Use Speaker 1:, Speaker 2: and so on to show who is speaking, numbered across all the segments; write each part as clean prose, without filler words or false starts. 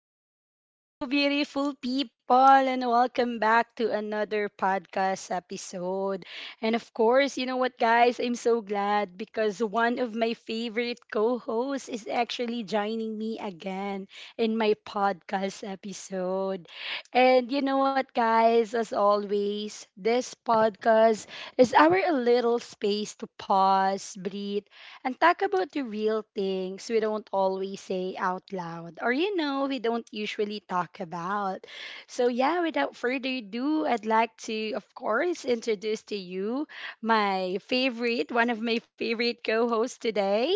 Speaker 1: Hello, beautiful people, and welcome back to another podcast episode. And of course, you know what, guys? I'm so glad because one of my favorite co hosts is actually joining me again in my podcast episode. And you know what, guys? As always, this podcast is our little space to pause, breathe, and talk about the real things we don't always say out loud or we don't usually talk about. So yeah, without further ado, I'd like to of course introduce to you my favorite, one of my favorite co-hosts today,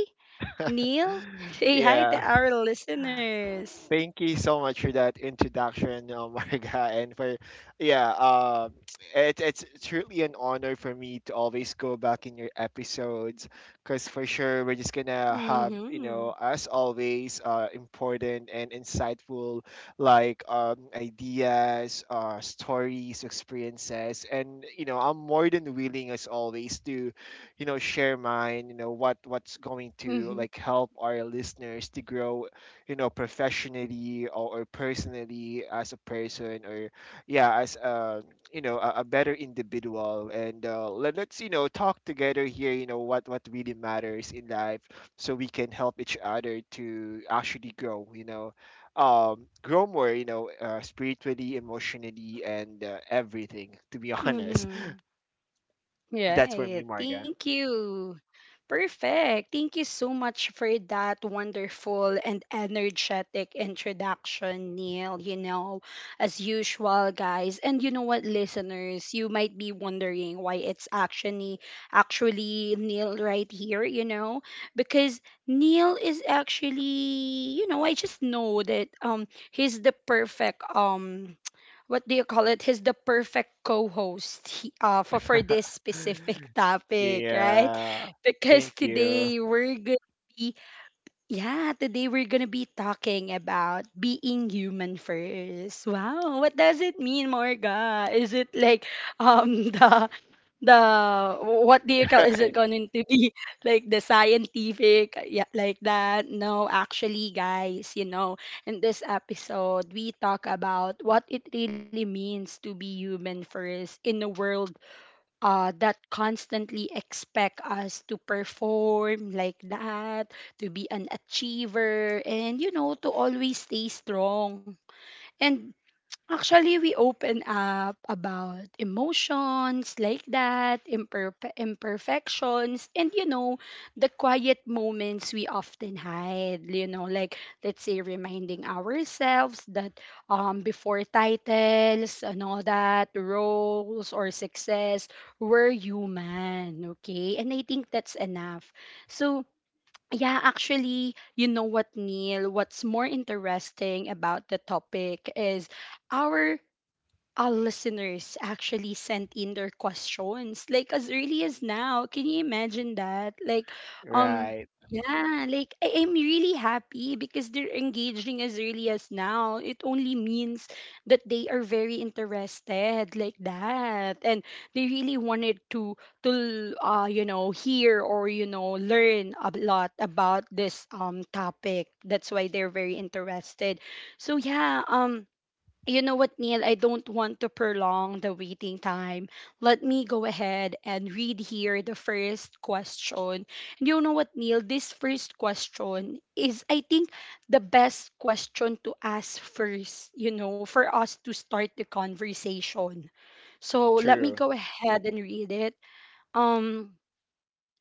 Speaker 1: Neil. Say hi to
Speaker 2: Yeah,
Speaker 1: our listeners.
Speaker 2: thank you so much for that introduction, Marga, and yeah, uh, it's truly an honor for me to always go back in your episodes, because for sure we're just gonna have,
Speaker 1: Mm-hmm.
Speaker 2: you know, as always, important and insightful, like, ideas, stories, experiences, and you know I'm more than willing as always to, you know, share mine. You know what what's going
Speaker 1: Mm-hmm.
Speaker 2: to, like, help our listeners to grow, you know, professionally or personally as a person or, yeah, as a, you know, a better individual. And let's you know talk together here, you know, what really matters in life so we can help each other to actually grow, you know, grow more, you know, spiritually, emotionally, and everything, to be honest.
Speaker 1: Mm-hmm.
Speaker 2: That's for
Speaker 1: Right.
Speaker 2: me, Marga.
Speaker 1: Thank you. Perfect. Thank you so much for that wonderful and energetic introduction, Neil. You know, as usual, guys. And you know what, listeners, you might be wondering why it's actually Neil right here, you know? Because Neil is actually, you know, I just know that he's the perfect what do you call it? He's the perfect co-host for this specific topic, right?
Speaker 2: Yeah,
Speaker 1: Because
Speaker 2: thank you.
Speaker 1: today we're gonna be yeah, today we're gonna be talking about being human first. Wow, what does it mean, Morga? Is it like um the the what do you call, is it
Speaker 2: Right,
Speaker 1: going to be like the scientific, yeah, like that? No, actually guys, you know, in this episode we talk about what it really means to be human first in a world that constantly expect us to perform like that, to be an achiever and you know, to always stay strong. And Actually, we open up about emotions like that, imperfections, and you know, the quiet moments we often hide. You know, like, let's say reminding ourselves that before titles and all that, roles or success, we're human, okay? And I think that's enough. So, yeah, actually, you know what, Neil? What's more interesting about the topic is our our listeners actually sent in their questions like as early as now, can you imagine that? Like um
Speaker 2: right.
Speaker 1: yeah, like am really happy because they're engaging as early as now. It only means that they are very interested like that, and they really wanted to you know, hear or you know, learn a lot about this topic. That's why they're very interested. So yeah, you know what, Neil? I don't want to prolong the waiting time. Let me go ahead and read here the first question. And you know what, Neil? This first question is, I think, the best question to ask first, you know, for us to start the conversation. So let me
Speaker 2: True.
Speaker 1: go ahead and read it. Um,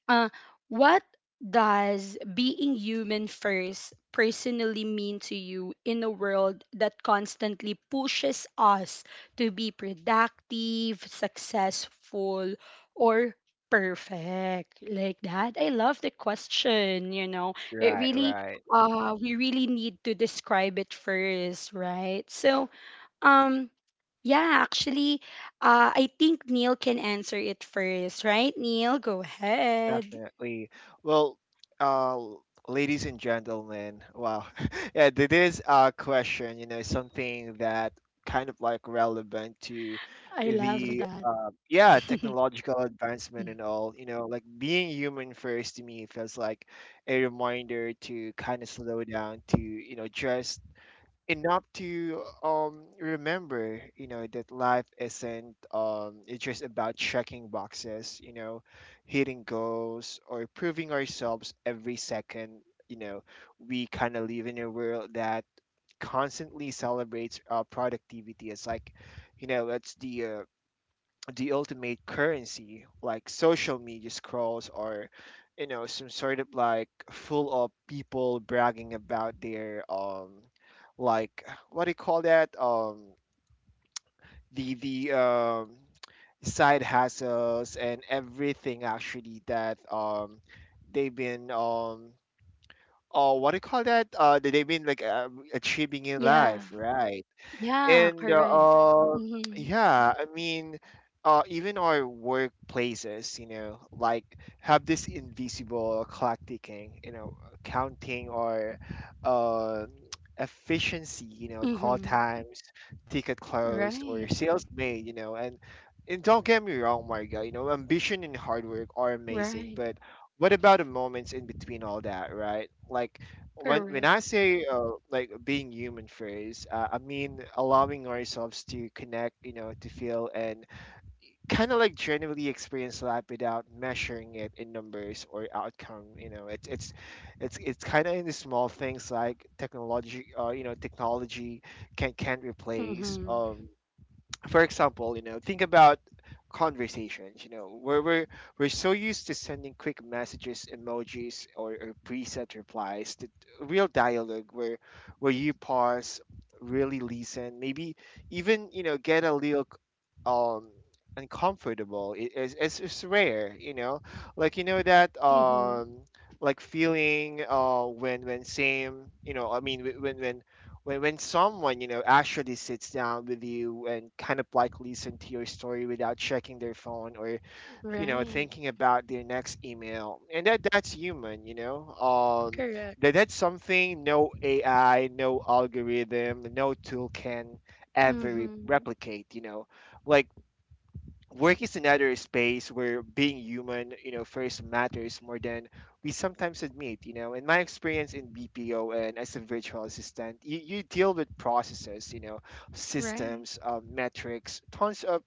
Speaker 1: uh, what does being human first personally mean to you in a world that constantly pushes us to be productive, successful, or perfect? Like that. I love the question, you know. It
Speaker 2: Right,
Speaker 1: really,
Speaker 2: right.
Speaker 1: we really need to describe it first, right? So, um yeah, actually, I think Neil can answer it first, right? Neil, go ahead.
Speaker 2: Definitely. Well, ladies and gentlemen, wow. Yeah, this question, you know, is something that kind of like relevant to
Speaker 1: I love
Speaker 2: the,
Speaker 1: that.
Speaker 2: yeah, technological advancement and all. You know, like being human first to me feels like a reminder to kind of slow down, to, you know, just enough to remember, you know, that life isn't it's just about checking boxes, you know, hitting goals or proving ourselves every second, you know. We kind of live in a world that constantly celebrates, productivity. It's like, you know, it's the ultimate currency, like social media scrolls or, you know, some sort of like full of people bragging about their like what do you call that, the side hustles and everything. Actually, that they've been oh, what do you call that, that they've been like, achieving in
Speaker 1: Yeah.
Speaker 2: life, right?
Speaker 1: Yeah,
Speaker 2: And,
Speaker 1: correct. Mhm.
Speaker 2: yeah, I mean, even our workplaces, you know, like have this invisible clock ticking, you know, counting or, uh, efficiency, you know, call
Speaker 1: Mhm.
Speaker 2: times, ticket close,
Speaker 1: Right.
Speaker 2: or sales made, you know. And don't get me wrong, Marga, you know, ambition and hard work are
Speaker 1: Right.
Speaker 2: amazing, but what about the moments in between all that, right? Like when
Speaker 1: Correct.
Speaker 2: when I say, like being human first, I mean allowing ourselves to connect, you know, to feel and kind of like genuinely experience life without measuring it in numbers or outcome. You know, it's kind of in the small things like technology, you know, technology can't replace.
Speaker 1: Mhm.
Speaker 2: For example, you know, think about conversations. You know, we're so used to sending quick messages, emojis, or preset replies, that real dialogue where you pause, really listen, maybe even, you know, get a little um uncomfortable. It's rare. You know, like you know that,
Speaker 1: Mhm.
Speaker 2: like feeling, when same you know I mean wh- when someone, you know, actually sits down with you and kind of like listen to your story without checking their phone or, you know,
Speaker 1: Right.
Speaker 2: thinking about their next email. And that, that's human, you know.
Speaker 1: Correct.
Speaker 2: That that's something no AI, no algorithm, no tool can ever
Speaker 1: Mhm.
Speaker 2: replicate, you know. Like work is another space where being human, you know, first matters more than we sometimes admit, you know. In my experience in BPO and as a virtual assistant, you deal with processes, you know,
Speaker 1: Right.
Speaker 2: systems, metrics, tons of,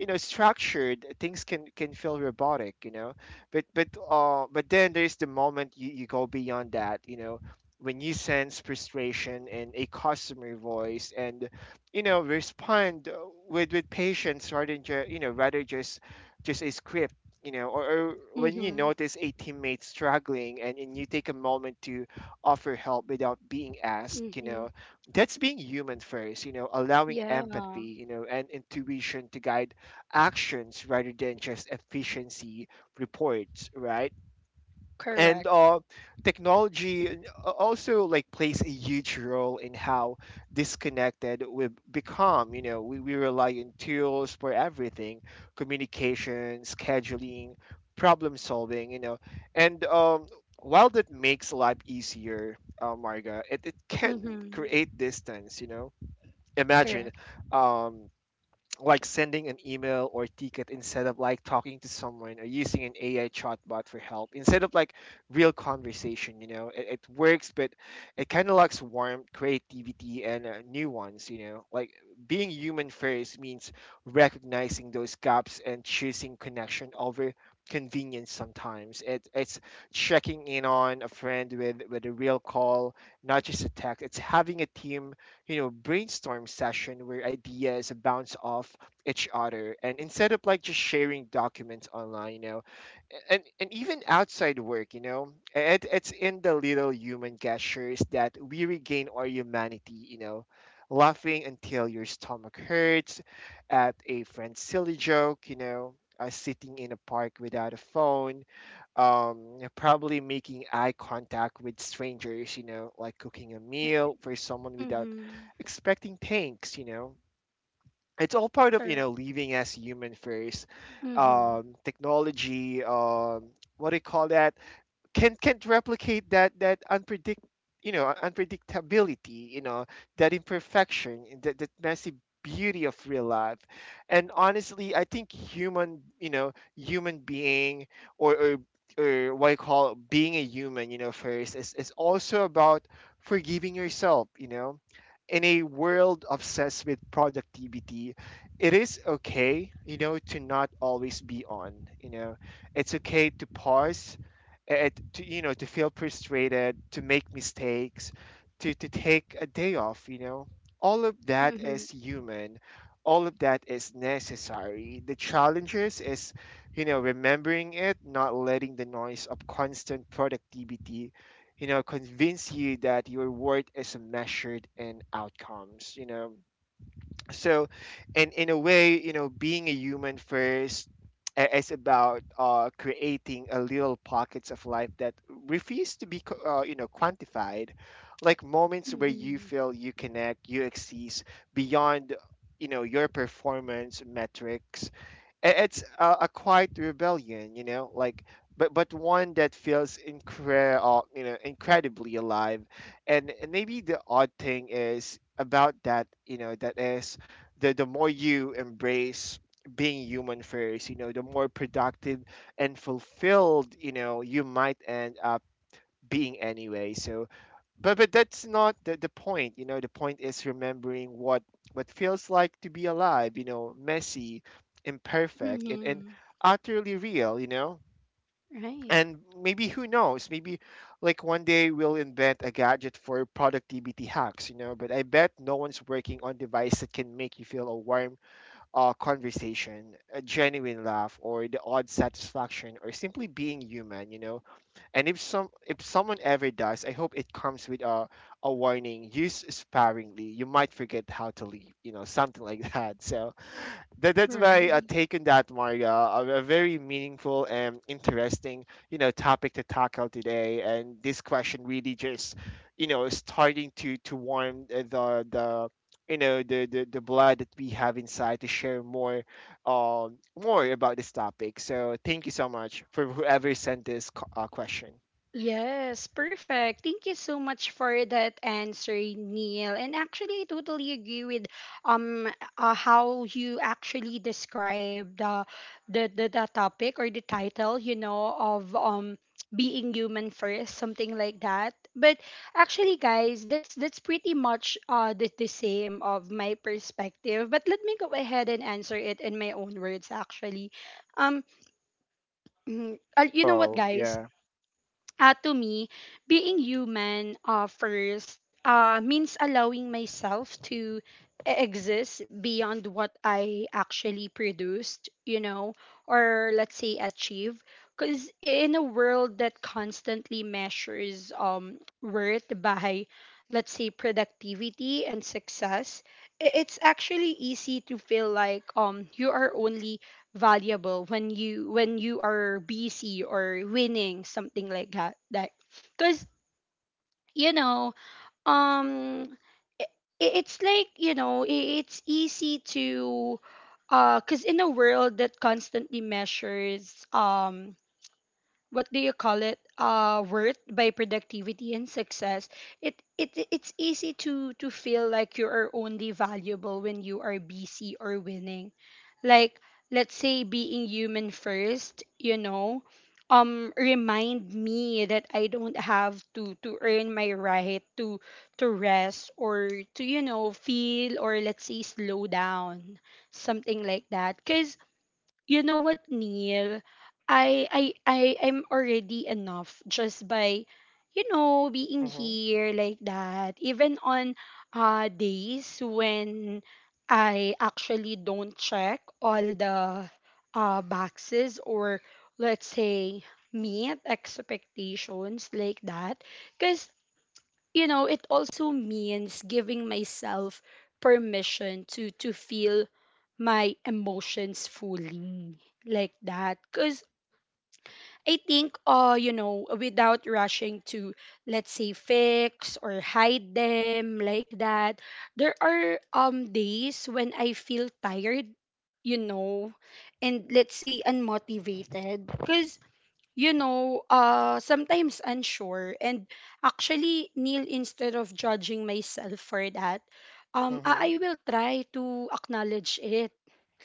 Speaker 2: you know, structured things, can feel robotic, you know. But then there's the moment you go beyond that, you know, when you sense frustration in a customer voice and, you know, respond, with patience rather than, you know, rather just a script, you know. Or when you
Speaker 1: Mhm.
Speaker 2: notice a teammate struggling, and you take a moment to offer help without being asked, you
Speaker 1: Mhm.
Speaker 2: know. That's being human first, you know, allowing
Speaker 1: Yeah.
Speaker 2: empathy, you know, and intuition to guide actions rather than just efficiency reports, right? And,
Speaker 1: Correct.
Speaker 2: technology, also, like, plays a huge role in how disconnected we become, you know. We we, rely on tools for everything: communication, scheduling, problem solving, you know. And, while that makes life easier, Marga, it can
Speaker 1: Mhm.
Speaker 2: create distance, you know. Imagine,
Speaker 1: Correct.
Speaker 2: um, like sending an email or ticket instead of like talking to someone, or using an AI chatbot for help instead of like real conversation. You know, it works, but it kind of lacks warmth, creativity, and, nuance. You know, like being human first means recognizing those gaps and choosing connection over convenience. Sometimes it's checking in on a friend with a real call, not just a text. It's having a team, you know, brainstorm session where ideas bounce off each other, and instead of like just sharing documents online, you know. And even outside work, you know, it's in the little human gestures that we regain our humanity, you know, laughing until your stomach hurts at a friend's silly joke, you know, sitting in a park without a phone, yeah, probably making eye contact with strangers, you know, like cooking a
Speaker 1: Right.
Speaker 2: meal for someone without
Speaker 1: Mhm.
Speaker 2: expecting thanks, you know. It's all part of, you
Speaker 1: Correct.
Speaker 2: know, living as human first.
Speaker 1: Mhm.
Speaker 2: Technology, what do you call that, can't replicate that, that unpredict you know, unpredictability, you know, that imperfection, and that messy beauty of real life. And honestly, I think, human, you know, human being, or or, or what I call being a human, you know, first, is also about forgiving yourself, you know. In a world obsessed with productivity, it is okay, you know, to not always be on, you know. It's okay to pause, to, you know, to feel frustrated, to make mistakes, to take a day off, you know. All of that
Speaker 1: Mhm.
Speaker 2: is human, all of that is necessary. The challenges is, you know, remembering it, not letting the noise of constant productivity, you know, convince you that your worth is measured in outcomes, you know. So, and in a way, you know, being a human first, is about, creating a little pockets of life that refuse to be, you know, quantified. Like moments where you
Speaker 1: Mhm.
Speaker 2: feel, you connect, you exist beyond, you know, your performance metrics. It's a quiet rebellion, you know, like, but one that feels, you know, incredibly alive. And maybe the odd thing is about that, you know, that is the, more you embrace being human first, you know, the more productive and fulfilled, you know, you might end up being anyway. So, but that's not the point, you know. The point is remembering what, feels like to be alive, you know, messy, imperfect, and,
Speaker 1: Mhm.
Speaker 2: utterly real, you know.
Speaker 1: Right.
Speaker 2: And maybe, who knows, maybe, like, one day we'll invent a gadget for productivity hacks, you know, but I bet no one's working on device that can make you feel a warm, conversation, a genuine laugh, or the odd satisfaction, or simply being human, you know. And if someone ever dies, I hope it comes with a warning. Use sparingly. You might forget how to leave. You know, something like that. So that's my,
Speaker 1: Right.
Speaker 2: take on that, Maria. A very meaningful and interesting, you know, topic to tackle today. And this question really just, you know, starting to warm, the you know, the the blood that we have inside to share more, more about this topic. So thank you so much for whoever sent this, question.
Speaker 1: Yes, perfect. Thank you so much for that answer, Neil. And actually, I totally agree with um how you actually described the topic or the title, you know, of being human first, something like that. But actually, guys, that's pretty much the same of my perspective. But let me go ahead and answer it in my own words, actually. Um, you know what,
Speaker 2: Oh,
Speaker 1: guys?
Speaker 2: yeah.
Speaker 1: To me, being human first means allowing myself to exist beyond what I actually produced, you know, or let's say achieve. Because in a world that constantly measures worth by, let's say, productivity and success, it's actually easy to feel like you are only valuable when you are busy or winning, something like that, because you know, um i- it's like, you know, it's easy to, because in a world that constantly measures what do you call it, worth by productivity and success, it's easy to feel like you are only valuable when you are busy or winning. Like, let's say being human first, you know, remind me that I don't have to earn my right to rest or to, you know, feel or let's say slow down, something like that. Cuz you know what, Neil, I'm already enough just by, you know, being
Speaker 2: Mm-hmm.
Speaker 1: here like that, even on days when I actually don't check all the boxes or let's say meet expectations like that. Because you know, it also means giving myself permission to feel my emotions fully like that. Cuz I think, you know, without rushing to, let's say, fix or hide them like that, there are days when I feel tired, you know, and let's say unmotivated. Cause you know, sometimes unsure. And actually, Neil, instead of judging myself for that, um,
Speaker 2: Mm-hmm.
Speaker 1: I, I will try to acknowledge it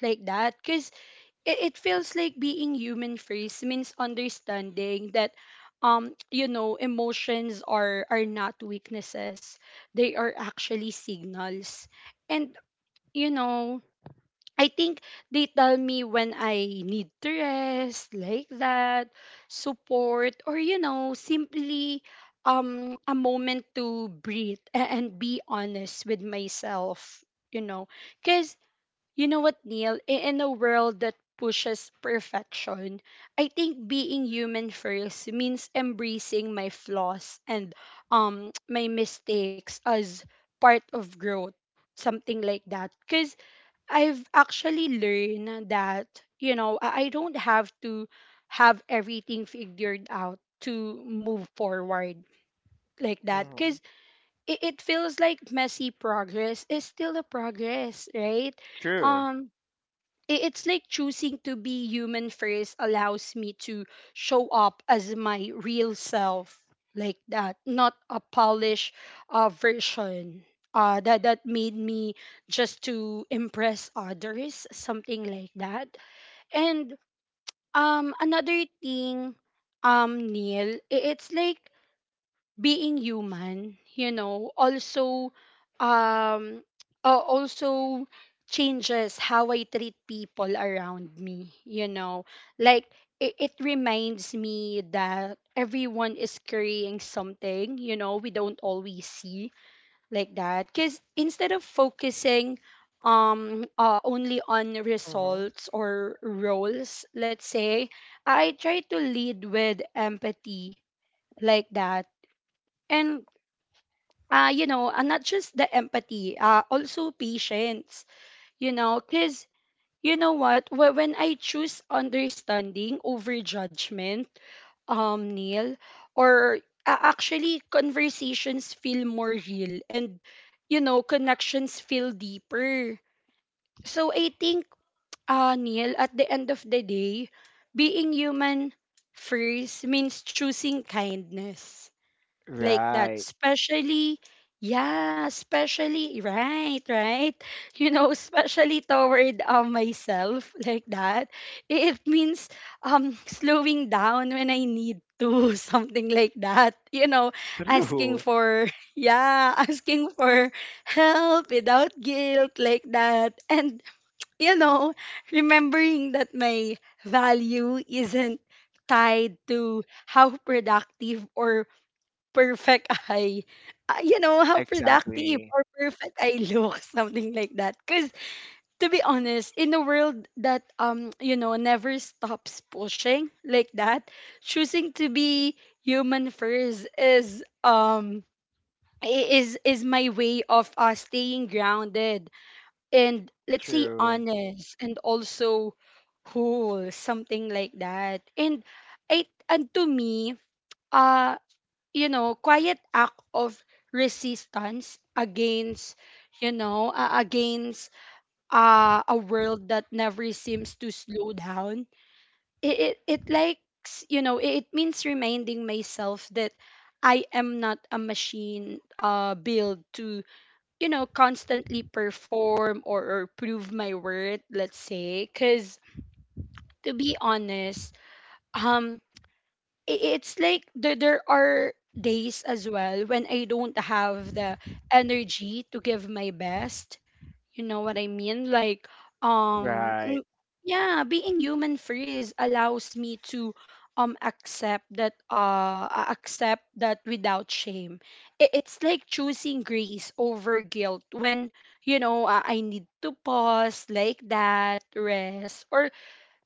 Speaker 1: like that, because it feels like being human first means understanding that you know, emotions are not weaknesses, they are actually signals. And you know, I think they tell me when I need to rest, like that, support, or you know, simply a moment to breathe and be honest with myself, you know. Cause you know what, Neil, in a world that pushes perfection, I think being human first means embracing my flaws and my mistakes as part of growth, something like that. Cause I've actually learned that, you know, I don't have to have everything figured out to move forward like that,
Speaker 2: Mm-hmm.
Speaker 1: because it feels like messy progress is still a progress, right?
Speaker 2: True.
Speaker 1: um it's like choosing to be human first allows me to show up as my real self like that, not a polished version that that made me just to impress others, something like that. And another thing, Neil, it's like being human, you know, also, um also changes how I treat people around me, you know. Like, it reminds me that everyone is carrying something you know we don't always see like that. Because instead of focusing only on
Speaker 2: Mm-hmm.
Speaker 1: results or roles, let's say, I try to lead with empathy like that. And you know, not just the empathy, also patience, you know, because you know what, when I choose understanding over judgment, Neil, or actually conversations feel more real and, you know, connections feel deeper. So I think, Neil, at the end of the day, being human first means choosing kindness like that,
Speaker 2: Right.
Speaker 1: especially, yeah, especially, right, right, you know, especially toward myself like that. It means slowing down when I need to, something like that, you know. Asking
Speaker 2: True.
Speaker 1: for yeah, asking for help without guilt like that. And you know, remembering that my value isn't tied to how productive or perfect I. You know, how productive
Speaker 2: Exactly.
Speaker 1: or perfect I look, something like that. Because to be honest, in a world that, you know, never stops pushing like that, choosing to be human first is, is my way of staying grounded and let's say
Speaker 2: True.
Speaker 1: honest and also cool, something like that. And it, and to me, uh you know, quiet act of resistance against, you know, against a world that never seems to slow down. It likes, you know, it means reminding myself that I am not a machine built to, you know, constantly perform or prove my worth, let's say. Because to be honest, um, it's like there are days as well when I don't have the energy to give my best. You know what I mean? Like, um, mm,
Speaker 2: Right.
Speaker 1: yeah, being human freeze allows me to accept that, accept that without shame. I- It's like choosing grace over guilt when I need to pause like that, rest, or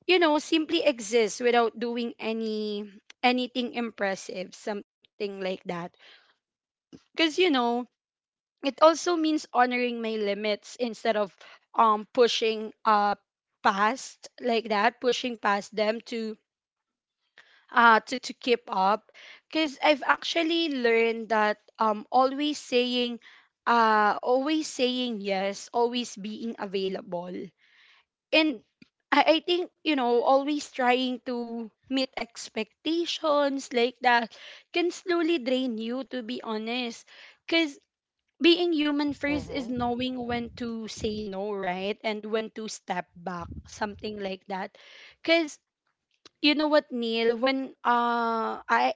Speaker 1: simply exist without doing anything impressive, something like that, because it also means honoring my limits instead of pushing past like that pushing past them, to to keep up, because I've actually learned that always saying yes, always being available, and I think, always trying to meet expectations, like that, can slowly drain you, to be honest. Because being human first is
Speaker 2: Mm-hmm.
Speaker 1: knowing when to say no, right, and when to step back, something like that. Because you know what neil when I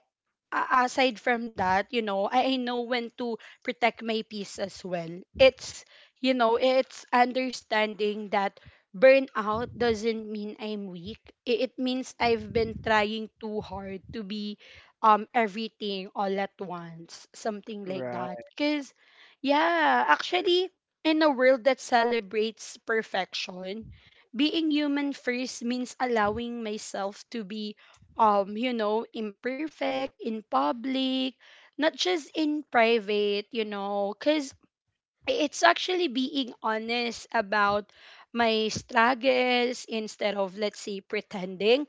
Speaker 1: a- aside from that, you know, I know when to protect my peace as well. It's, you know, it's understanding that burnout doesn't mean I'm weak. It means I've been trying too hard to be everything all at once, something like
Speaker 2: Right.
Speaker 1: that. Cause yeah, actually, in a world that celebrates perfection, being human first means allowing myself to be you know, imperfect in public, not just in private, you know, because it's actually being honest about my struggles instead of, let's say, pretending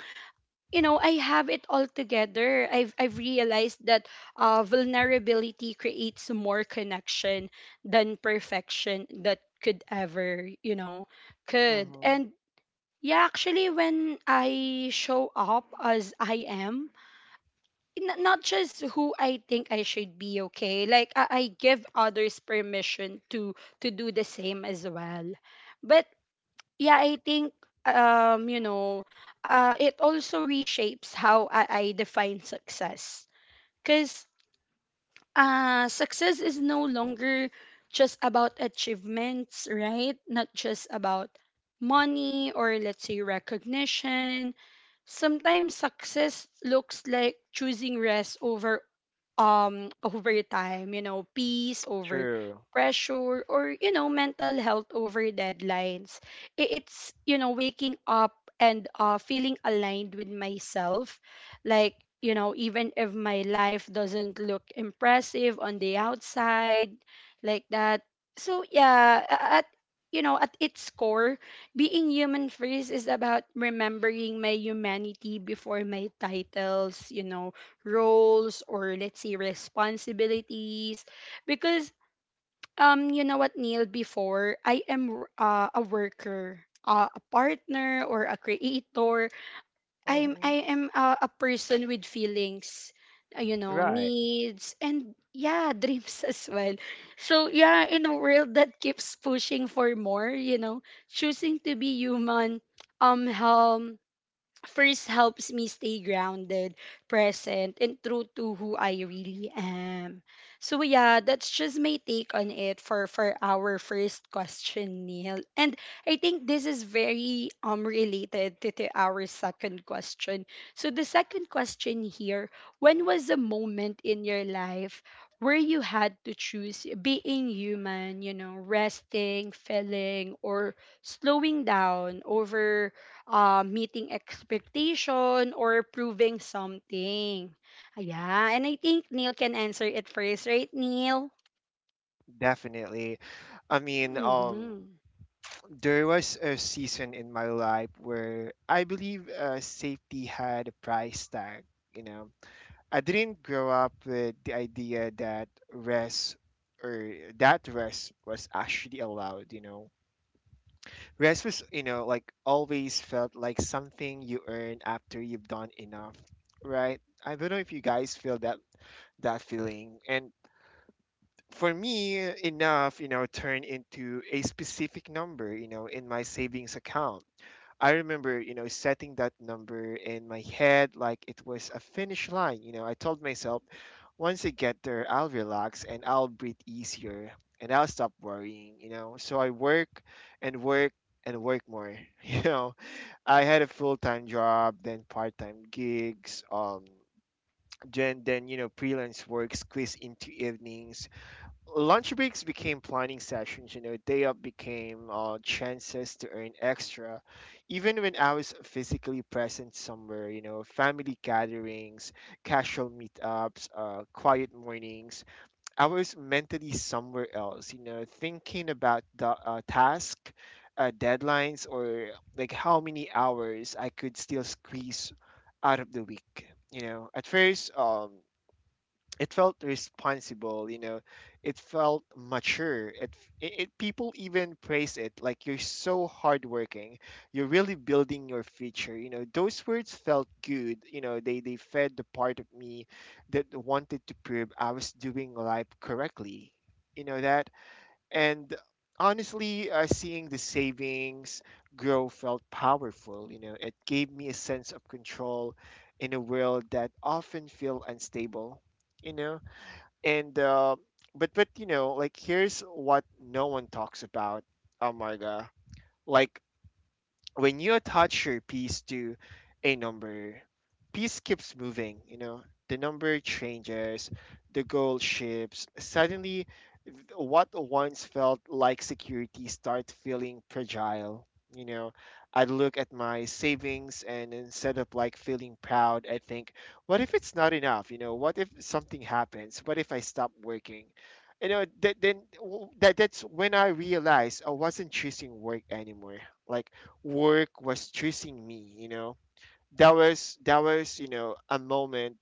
Speaker 1: I have it all together. I've realized that vulnerability creates more connection than perfection that could ever could
Speaker 2: Mm-hmm.
Speaker 1: and yeah, actually, when I show up as I am, not just who I think I should be, okay? Like, I give others permission to do the same as well. But yeah, I think, um, you know, it also reshapes how I define success. Cause success is no longer just about achievements, right? Not just about money or, let's say, recognition. Sometimes success looks like choosing rest over over time, you know, peace over
Speaker 2: True.
Speaker 1: pressure, or, you know, mental health over deadlines. It's you know, waking up and feeling aligned with myself, like, you know, even if my life doesn't look impressive on the outside, like that. So yeah, at, you know, at its core, being human first is about remembering my humanity before my titles, you know, roles, or, let's say, responsibilities. Because you know what, Neil, before I am a worker, a partner, or a creator, I'm
Speaker 2: Mm-hmm.
Speaker 1: I am a person with feelings, you know,
Speaker 2: Right.
Speaker 1: needs, and yeah, dreams as well. So yeah, in a world that keeps pushing for more, you know, choosing to be human, helm first, helps me stay grounded, present, and true to who I really am. So yeah, that's just my take on it for our first question, Neil. And I think this is very related to our second question. So the second question here: when was a moment in your life where you had to choose being human, you know, resting, feeling, or slowing down over meeting expectation or proving something. Yeah, and I think Neil can answer it first, right, Neil?
Speaker 2: Definitely. I mean,
Speaker 1: Mm-hmm.
Speaker 2: there was a season in my life where I believe, safety had a price tag, you know. I didn't grow up with the idea that rest, or that rest was actually allowed, you know. Rest was, you know, like always felt like something you earn after you've done enough, right? I don't know if you guys feel that, feeling. And for me, enough, you know, turned into a specific number, you know, in my savings account. I remember, you know, setting that number in my head like it was a finish line. You know, I told myself once I get there, I'll relax and I'll breathe easier and I'll stop worrying, you know. So I work and work and work more, you know. I had a full time job, then part time gigs, then you know freelance work squeezed into evenings. Lunch breaks became planning sessions. You know day up became chances to earn extra. Even when I was physically present somewhere, you know family gatherings, casual meetups, quiet mornings, I was mentally somewhere else, you know thinking about the task, deadlines, or like how many hours I could still squeeze out of the week. At first, it felt responsible. You know it felt mature. It, f- it people even praise it, like, you're so hardworking, you're really building your future. You know those words felt good. You know They fed the part of me that wanted to prove I was doing life correctly. You know that and honestly, seeing the savings grow felt powerful. You know it gave me a sense of control in a world that often feel unstable. You know and but you know, like, here's what no one talks about, Amarga. Like, when you attach your piece to a number, piece keeps moving, you know, the number changes, the goal shifts. Suddenly, what once felt like security start feeling fragile. You know, I look at my savings and instead of like feeling proud, I think, what if it's not enough? You know, what if something happens? What if I stop working? You know, that then w- that that's when I realized I wasn't choosing work anymore. Like, work was choosing me. You know that was you know, a moment,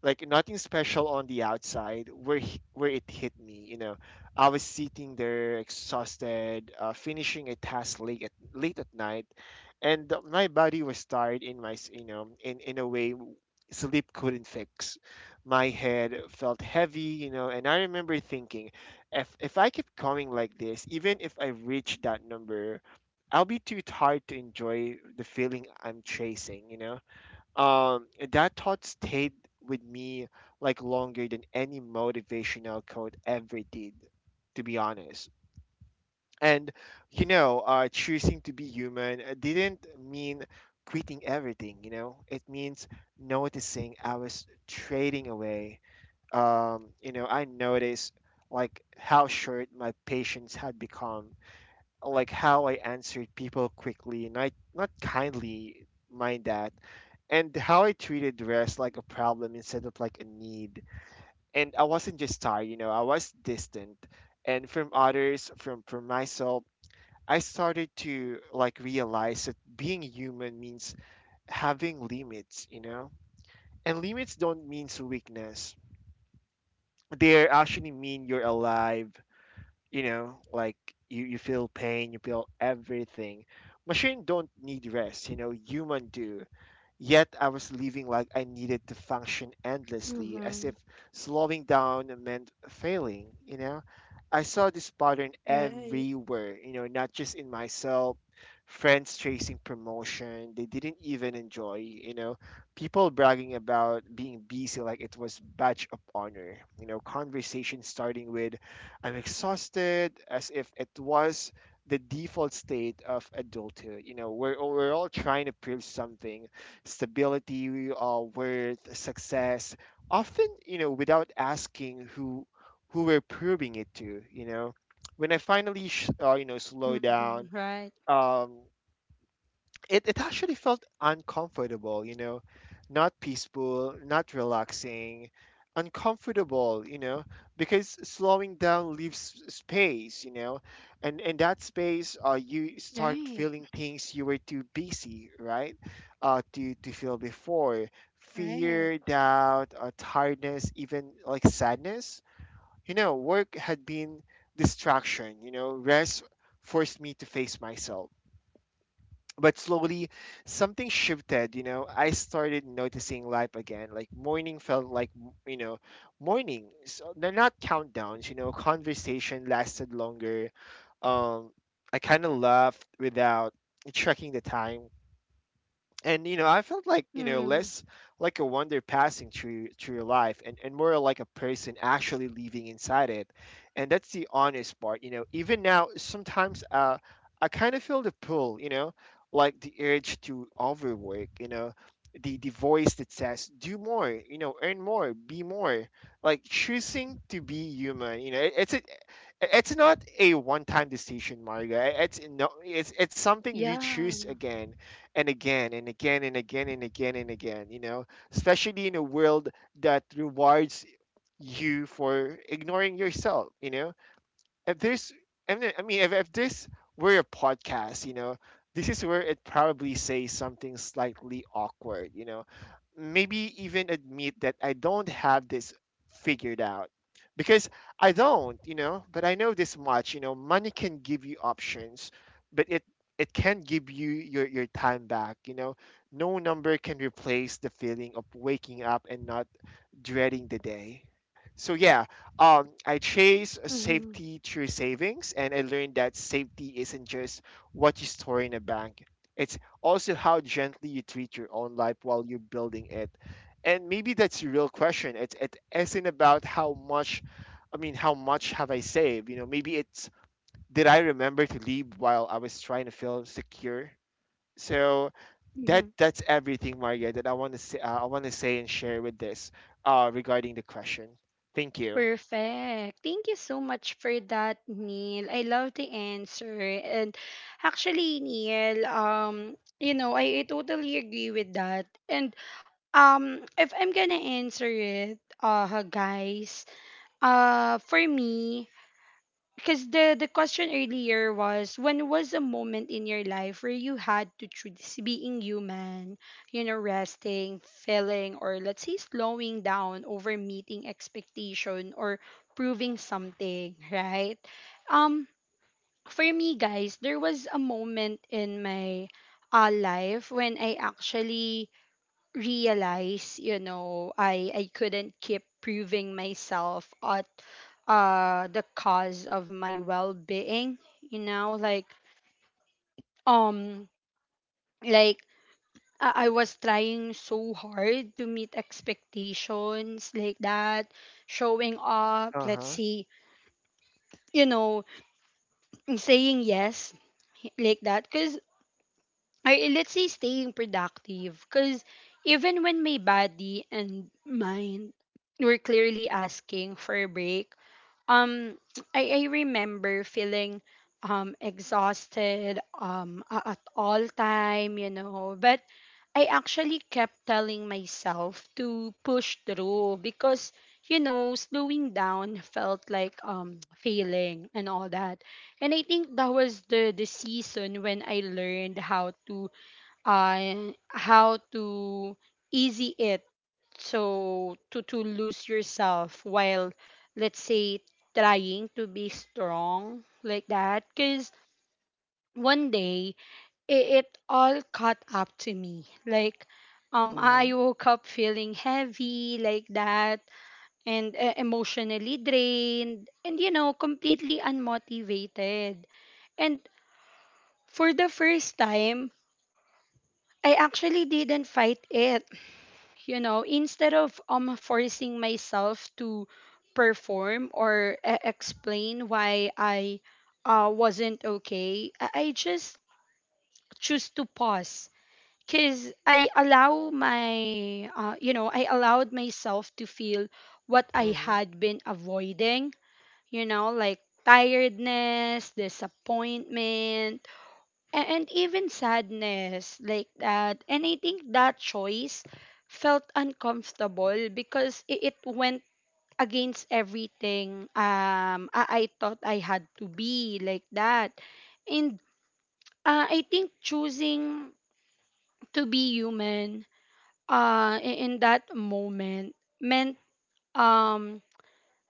Speaker 2: like nothing special on the outside, where where it hit me. You know I was sitting there exhausted, finishing a task late at night, and my body was tired in you know, in a way sleep couldn't fix. My head felt heavy, you know, and I remember thinking, if I keep going like this, even if I reach that number, I'll be too tired to enjoy the feeling I'm chasing, you know. And that thought stayed with me like longer than any motivational quote ever did, to be honest. And you know, choosing to be human didn't mean quitting everything. You know, it means noticing I was trading away. You know, I noticed like how short my patience had become, like how I answered people quickly, not kindly, mind that, and how I treated the rest like a problem instead of like a need. And I wasn't just tired, you know, I was distant, and from others, from myself. I started to like realize that being human means having limits, you know? And limits don't mean weakness. They actually mean you're alive, you know, like, you feel pain, you feel everything. Machine don't need rest, you know, human do. Yet I was living like I needed to function endlessly, as
Speaker 1: Mm-hmm.
Speaker 2: if slowing down meant failing, you know? I saw this pattern
Speaker 1: Right.
Speaker 2: everywhere, you know, not just in myself, friends chasing promotion they didn't even enjoy, you know, people bragging about being busy like it was badge of honor, you know, conversation starting with I'm exhausted as if it was the default state of adulthood, you know, we're all trying to prove something, stability, worth, success, often, you know, without asking who we're proving it to, you know. When I finally, you know,
Speaker 1: Mm-hmm.
Speaker 2: slow
Speaker 1: Right.
Speaker 2: down, um, it, it actually felt uncomfortable, you know, not peaceful, not relaxing, uncomfortable, you know, because slowing down leaves space, you know, and in that space, you
Speaker 1: Right.
Speaker 2: start feeling things you were too busy, right, to feel before,
Speaker 1: Right.
Speaker 2: fear, doubt, tiredness, even like sadness. You know, work had been distraction. You know, rest forced me to face myself, but slowly something shifted. You know, I started noticing life again. Like morning felt like you know, morning, so they're not countdowns, you know. Conversation lasted longer. um I kind of laughed without checking the time, and you know, I felt like, you
Speaker 1: Mm-hmm.
Speaker 2: know, less like a wonder passing through your life, and more like a person actually living inside it. And that's the honest part. You know, even now, sometimes I kind of feel the pull, you know, like the urge to overwork, you know, the voice that says, do more, you know, earn more, be more. Like, choosing to be human, you know, it's a, it's not a one-time decision, Marga. It's no It's, it's something you
Speaker 1: Yeah.
Speaker 2: choose again and again and again and again and again and again, you know, especially in a world that rewards you for ignoring yourself, you know. If this, I mean, if this were a podcast, you know, this is where it probably says something slightly awkward, you know, maybe even admit that I don't have this figured out, because I don't, you know. But I know this much, you know. Money can give you options, but it can give you your time back, you know. No number can replace the feeling of waking up and not dreading the day. So yeah, I chase
Speaker 1: Mm-hmm.
Speaker 2: safety through savings, and I learned that safety isn't just what you store in a bank. It's also how gently you treat your own life while you're building it. And maybe that's a real question. It isn't about how much, how much have I saved? You know, maybe it's, did I remember to leave while I was trying to feel secure? So
Speaker 1: Mm-hmm.
Speaker 2: that's everything, Maria, that I want to say, I want to say and share with this, regarding the question. Thank you.
Speaker 1: Perfect. Thank you so much for that, Neil. I love the answer. And actually, Neil, you know, I totally agree with that. And um, if I'm gonna answer it, guys, for me, because the question earlier was: when was a moment in your life where you had to choose being human, you know, resting, feeling, or, let's say, slowing down over meeting expectation or proving something, right? Um, for me, guys, there was a moment in my life when I actually realize, you know, I couldn't keep proving myself at the cause of my well-being, you know, like um like I was trying so hard to meet expectations, like that, showing up,
Speaker 2: Uh
Speaker 1: let's
Speaker 2: huh.
Speaker 1: see, you know, saying yes, like that, cause, or eh, let's say, staying productive, because even when my body and mind were clearly asking for a break. Um i, I remember feeling exhausted at all time, you know, but I actually kept telling myself to push through because, you know, slowing down felt like failing and all that. And I think that was the season when I learned how to uh, how to easy it, so, to lose yourself while, let's say, trying to be strong, like that, because one day it, it all caught up to me, like I
Speaker 2: Mhm.
Speaker 1: woke up feeling heavy, like that, and emotionally drained, and, you know, completely unmotivated. And for the first time, I actually didn't fight it. You know, instead of forcing myself to perform, or explain why I wasn't okay, I just choose to pause because I allow my, you know, I allowed myself to feel what I
Speaker 2: Mhm.
Speaker 1: had been avoiding, you know, like tiredness, disappointment, and even sadness, like that. And I think that choice felt uncomfortable because it went against everything I thought I had to be, like that. And I think choosing to be human in that moment meant um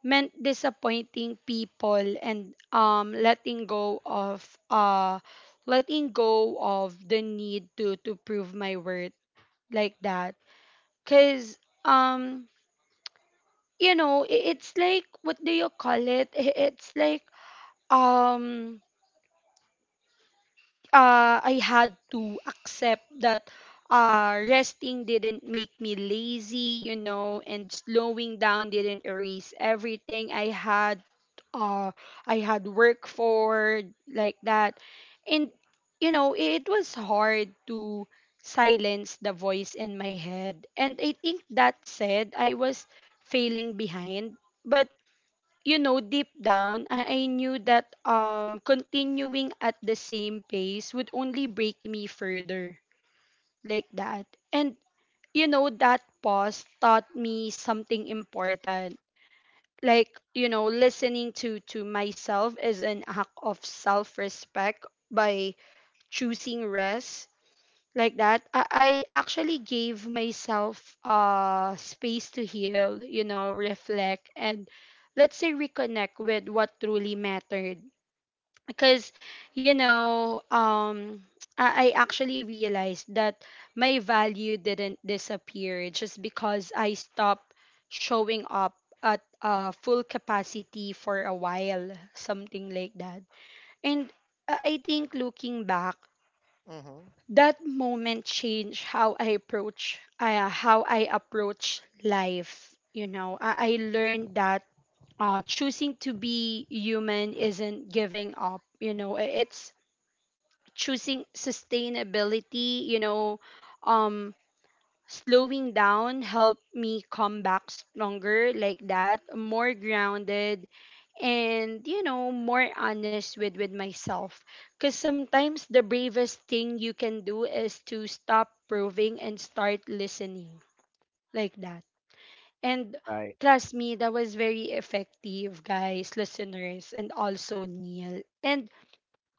Speaker 1: disappointing people, and uh letting go of the need to prove my worth, like that, cuz um you know, it's like, what do you call it, it's like um I had to accept that resting didn't make me lazy, you know, and slowing down didn't erase everything I had. Uh, I had work for, like that, and, you know, it was hard to silence the voice in my head. And I think that said I was failing behind, but, you know, deep down, I knew that continuing at the same pace would only break me further, like that. And, you know, that pause taught me something important. Like, you know, listening to myself is an act of self-respect. By choosing rest, like that, I actually gave myself space to heal, you know, reflect, and, let's say, reconnect with what truly mattered. Because, you know, I actually realized that my value didn't disappear just because I stopped showing up at full capacity for a while, something like that. And I think, looking back,
Speaker 2: Mhm.
Speaker 1: that moment changed how I approach life. You know, I learned that choosing to be human isn't giving up. You know, it's choosing sustainability. You know, um, slowing down helped me come back stronger, like that, more grounded, and, you know, more honest with myself, because sometimes the bravest thing you can do is to stop proving and start listening, like that. And
Speaker 2: Right.
Speaker 1: trust me, that was very effective, guys, listeners, and also Neil. And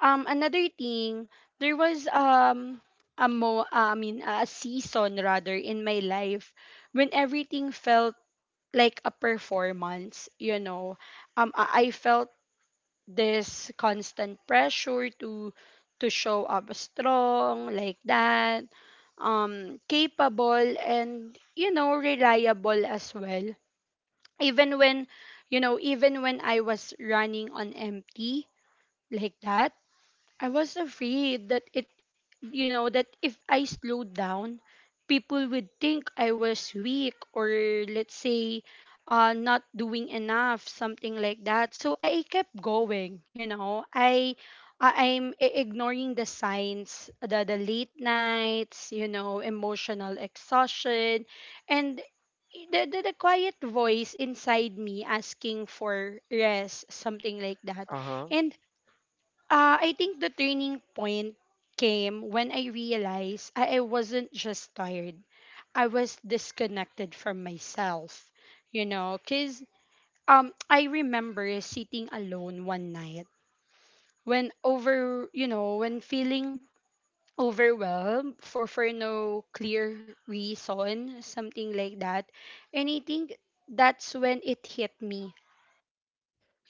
Speaker 1: another thing, there was a mo I mean a season, rather, in my life when everything felt like a performance, you know. I felt this constant pressure to show up strong, like that, capable and, you know, reliable as well, even when, you know, even when I was running on empty, like that. I was afraid that it, you know, that if I slowed down, people would think I was weak, or, let's say, not doing enough, something like that. So I kept going, you know. Ignoring the signs, the late nights, you know, emotional exhaustion, and the quiet voice inside me asking for rest, something like that.
Speaker 2: Uh huh.
Speaker 1: And I think the turning point came when I realized I wasn't just tired. I was disconnected from myself, you know, because I remember sitting alone one night when feeling overwhelmed for no clear reason, something like that. And I think that's when it hit me,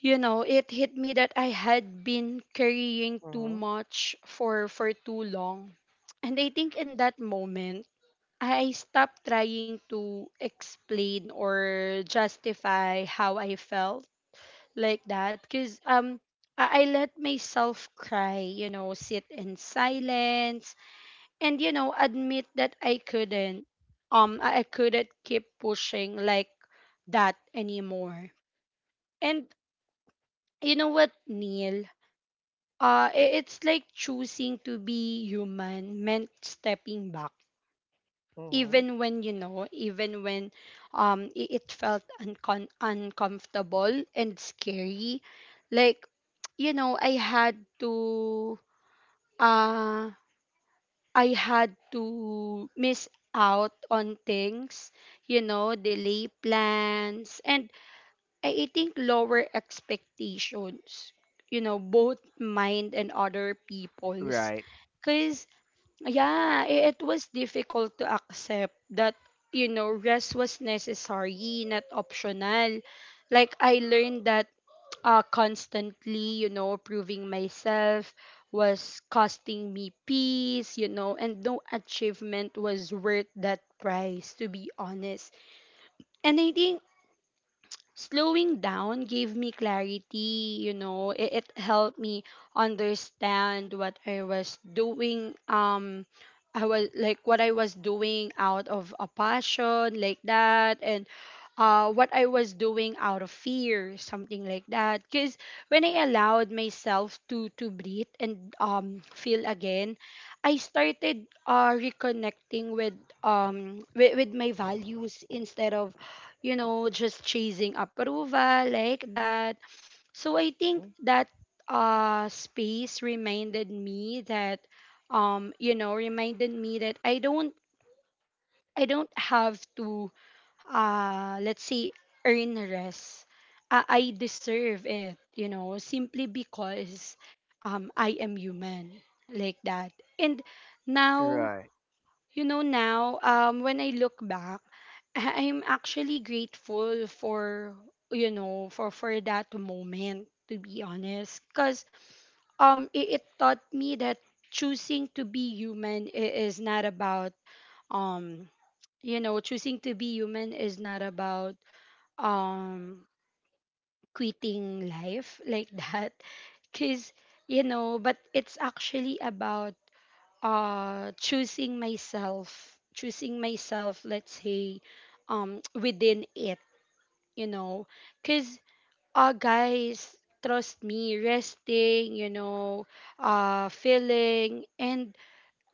Speaker 1: you know, it hit me that I had been carrying too
Speaker 2: Mhm.
Speaker 1: much for too long. And I think in that moment, I stopped trying to explain or justify how I felt, like that, because I let myself cry, you know, sit in silence, and, you know, admit that I couldn't, I couldn't keep pushing like that anymore. And you know what, Neil? It's like choosing to be human meant stepping back,
Speaker 2: Mhm.
Speaker 1: even when, you know, even when it felt uncomfortable and scary. Like, you know, I had to uh miss out on things, you know, delay plans, and I think lower expectations, you know, both mind and other people's.
Speaker 2: Right.
Speaker 1: Because, yeah, it was difficult to accept that, you know, rest was necessary, not optional. Like, I learned that constantly, you know, proving myself was costing me peace, you know, and no achievement was worth that price, to be honest. And I think slowing down gave me clarity. You know, it helped me understand what I was doing. I was like, what I was doing out of a passion, like that, and what I was doing out of fear, something like that. Because when I allowed myself to breathe and feel again, I started reconnecting with my values instead of, you know, just chasing approval, like that. So I think
Speaker 2: Mhm.
Speaker 1: that space reminded me that reminded me that I don't have to, let's say, earn rest. I deserve it, you know, simply because I am human, like that. And now,
Speaker 2: Right.
Speaker 1: you know, now, when I look back, I'm actually grateful for, you know, for that moment, to be honest. Because it taught me that choosing to be human is not about, um, choosing to be human is not about um quitting life like that because but it's actually about choosing myself, choosing myself, let's say, within it, you know, because guys, trust me, resting, you know, feeling and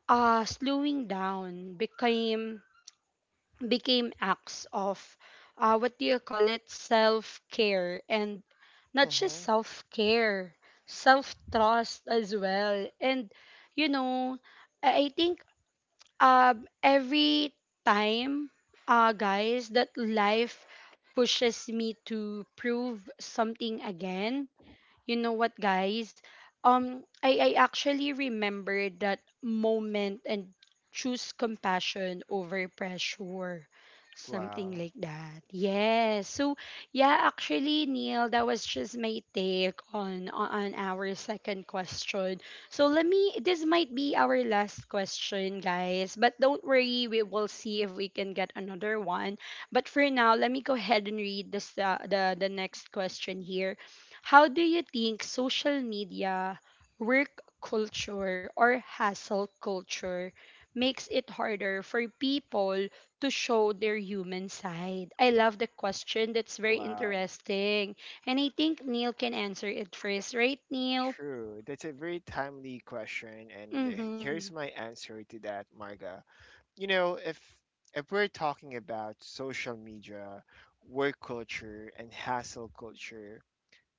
Speaker 1: slowing down became, became acts of, what do you call it, self care. And not just
Speaker 2: Mhm.
Speaker 1: self care, self trust as well. And you know, I think, every time, guys, that life pushes me to prove something again, you know what, guys? I actually remembered that moment and choose compassion over pressure. Something
Speaker 2: Wow.
Speaker 1: like that. Yes. So, yeah, actually, Neil, that was just my take on our second question. So let me, this might be our last question, guys, but don't worry, we will see if we can get another one. But for now, let me go ahead and read this, the next question here. How do you think social media, work culture, or hustle culture makes it harder for people to show their human side? I love the question. That's very
Speaker 2: Wow.
Speaker 1: interesting. And I think Neil can answer it first, right, Neil?
Speaker 2: True. That's a very timely question, and
Speaker 1: Mm-hmm.
Speaker 2: here's my answer to that, Marga. You know, if we're talking about social media, work culture, and hassle culture,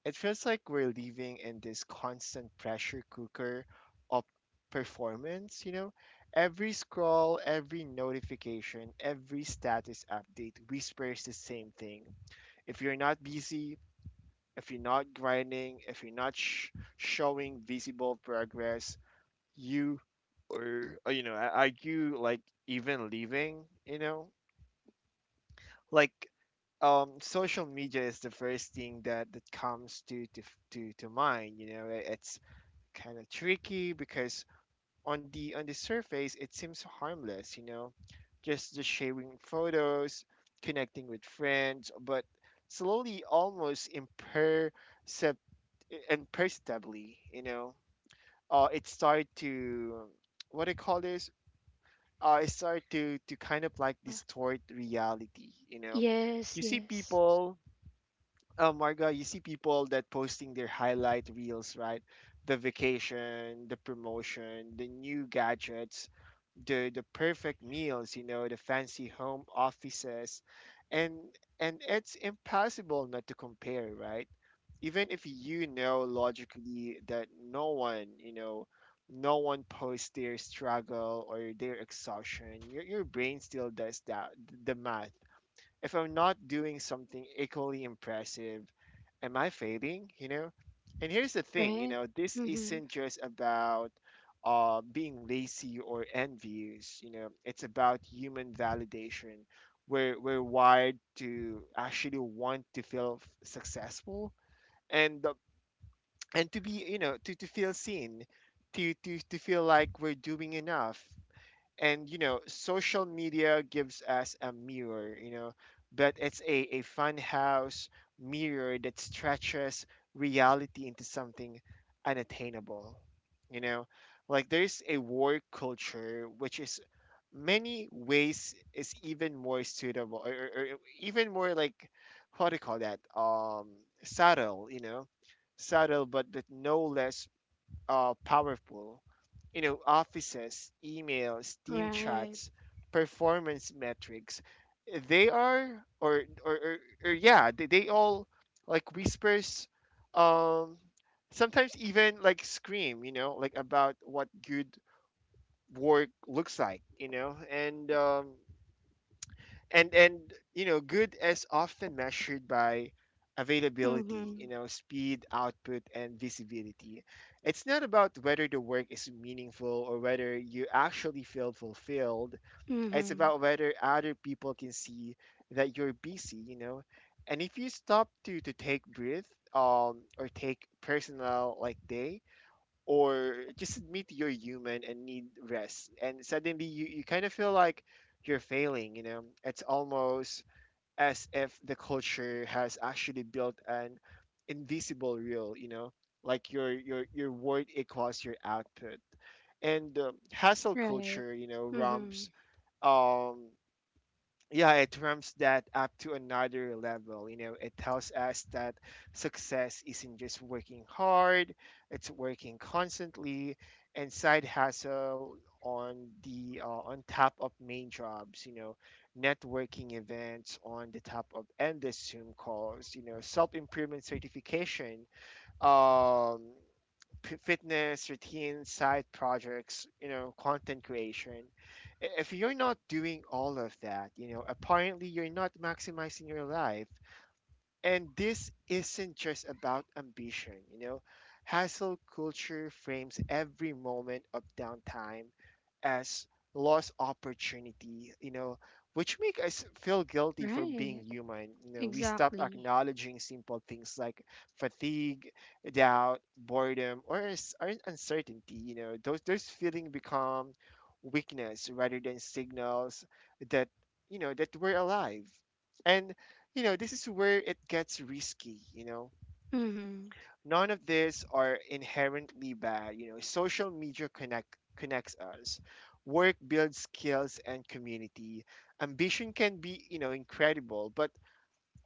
Speaker 2: it feels like we're living in this constant pressure cooker of performance, you know? Every scroll, every notification, every status update whispers the same thing. If you're not busy, if you're not grinding, if you're not showing visible progress, you, or you know, are you like even leaving, you know? Like, social media is the first thing that comes to to mind. You know, I- it's kind of tricky because on the surface it seems harmless, you know, just sharing photos, connecting with friends. But slowly, almost imperceptibly, you know, it started to, what do you call this, it started to kind of like
Speaker 1: Yeah.
Speaker 2: distort reality, you know. You
Speaker 1: Yes,
Speaker 2: see
Speaker 1: yes.
Speaker 2: people, Marga, you see people that posting their highlight reels, right? The vacation, the promotion, the new gadgets, the perfect meals, you know, the fancy home offices, and and it's impossible not to compare, right? Even if you know logically that no one, you know, no one posts their struggle or their exhaustion, your brain still does that, the math. If I'm not doing something equally impressive, am I failing? You know? And here's the thing, you
Speaker 1: Right?
Speaker 2: know, this
Speaker 1: Mm-hmm.
Speaker 2: isn't just about being lazy or envious, you know, it's about human validation. We're wired to actually want to feel successful, and uh, and to be, you know, to feel seen, to, to feel like we're doing enough. And you know, social media gives us a mirror, you know, but it's a fun house mirror that stretches reality into something unattainable, you know. Like, there's a work culture which is, many ways is even more suitable, or even more like, how do you call that, subtle, you know, subtle but no less powerful. You know, offices, emails, team
Speaker 1: Right.
Speaker 2: chats, performance metrics, they are, or, or, or, or yeah, they all like whispers, um, sometimes even like scream, you know, like about what good work looks like, you know, and you know, good is often measured by availability, you
Speaker 1: Mm-hmm.
Speaker 2: know, speed, output, and visibility. It's not about whether the work is meaningful or whether you actually feel fulfilled. It's
Speaker 1: Mm-hmm.
Speaker 2: about whether other people can see that you're busy, you know. And if you stop to take breath, or take personal like day, or just admit you're human and need rest, and suddenly you, you kind of feel like you're failing, you know. It's almost as if the culture has actually built an invisible rule, you know, like your word equals your output. And hustle
Speaker 1: Right.
Speaker 2: culture, you know,
Speaker 1: Mm-hmm.
Speaker 2: romps, um yeah, it ramps that up to another level. You know, it tells us that success isn't just working hard, it's working constantly, and side hustle on the on top of main jobs, you know, networking events on the top of endless Zoom calls, you know, self-improvement certification. Um Fitness routines, side projects, you know, content creation. I- If you're not doing all of that, you know, apparently you're not maximizing your life. And this isn't just about ambition, you know. Hassle culture frames every moment of downtime as lost opportunity, which make us feel guilty for being
Speaker 1: Right.
Speaker 2: human. We stop
Speaker 1: Exactly.
Speaker 2: acknowledging simple things like fatigue, doubt, boredom, or uncertainty. You know, those feelings become weakness rather than signals that that we're alive. And this is where it gets risky,
Speaker 1: Mm-hmm.
Speaker 2: None of these are inherently bad, Social media connects us. Work builds skills and community. Ambition can be, incredible, but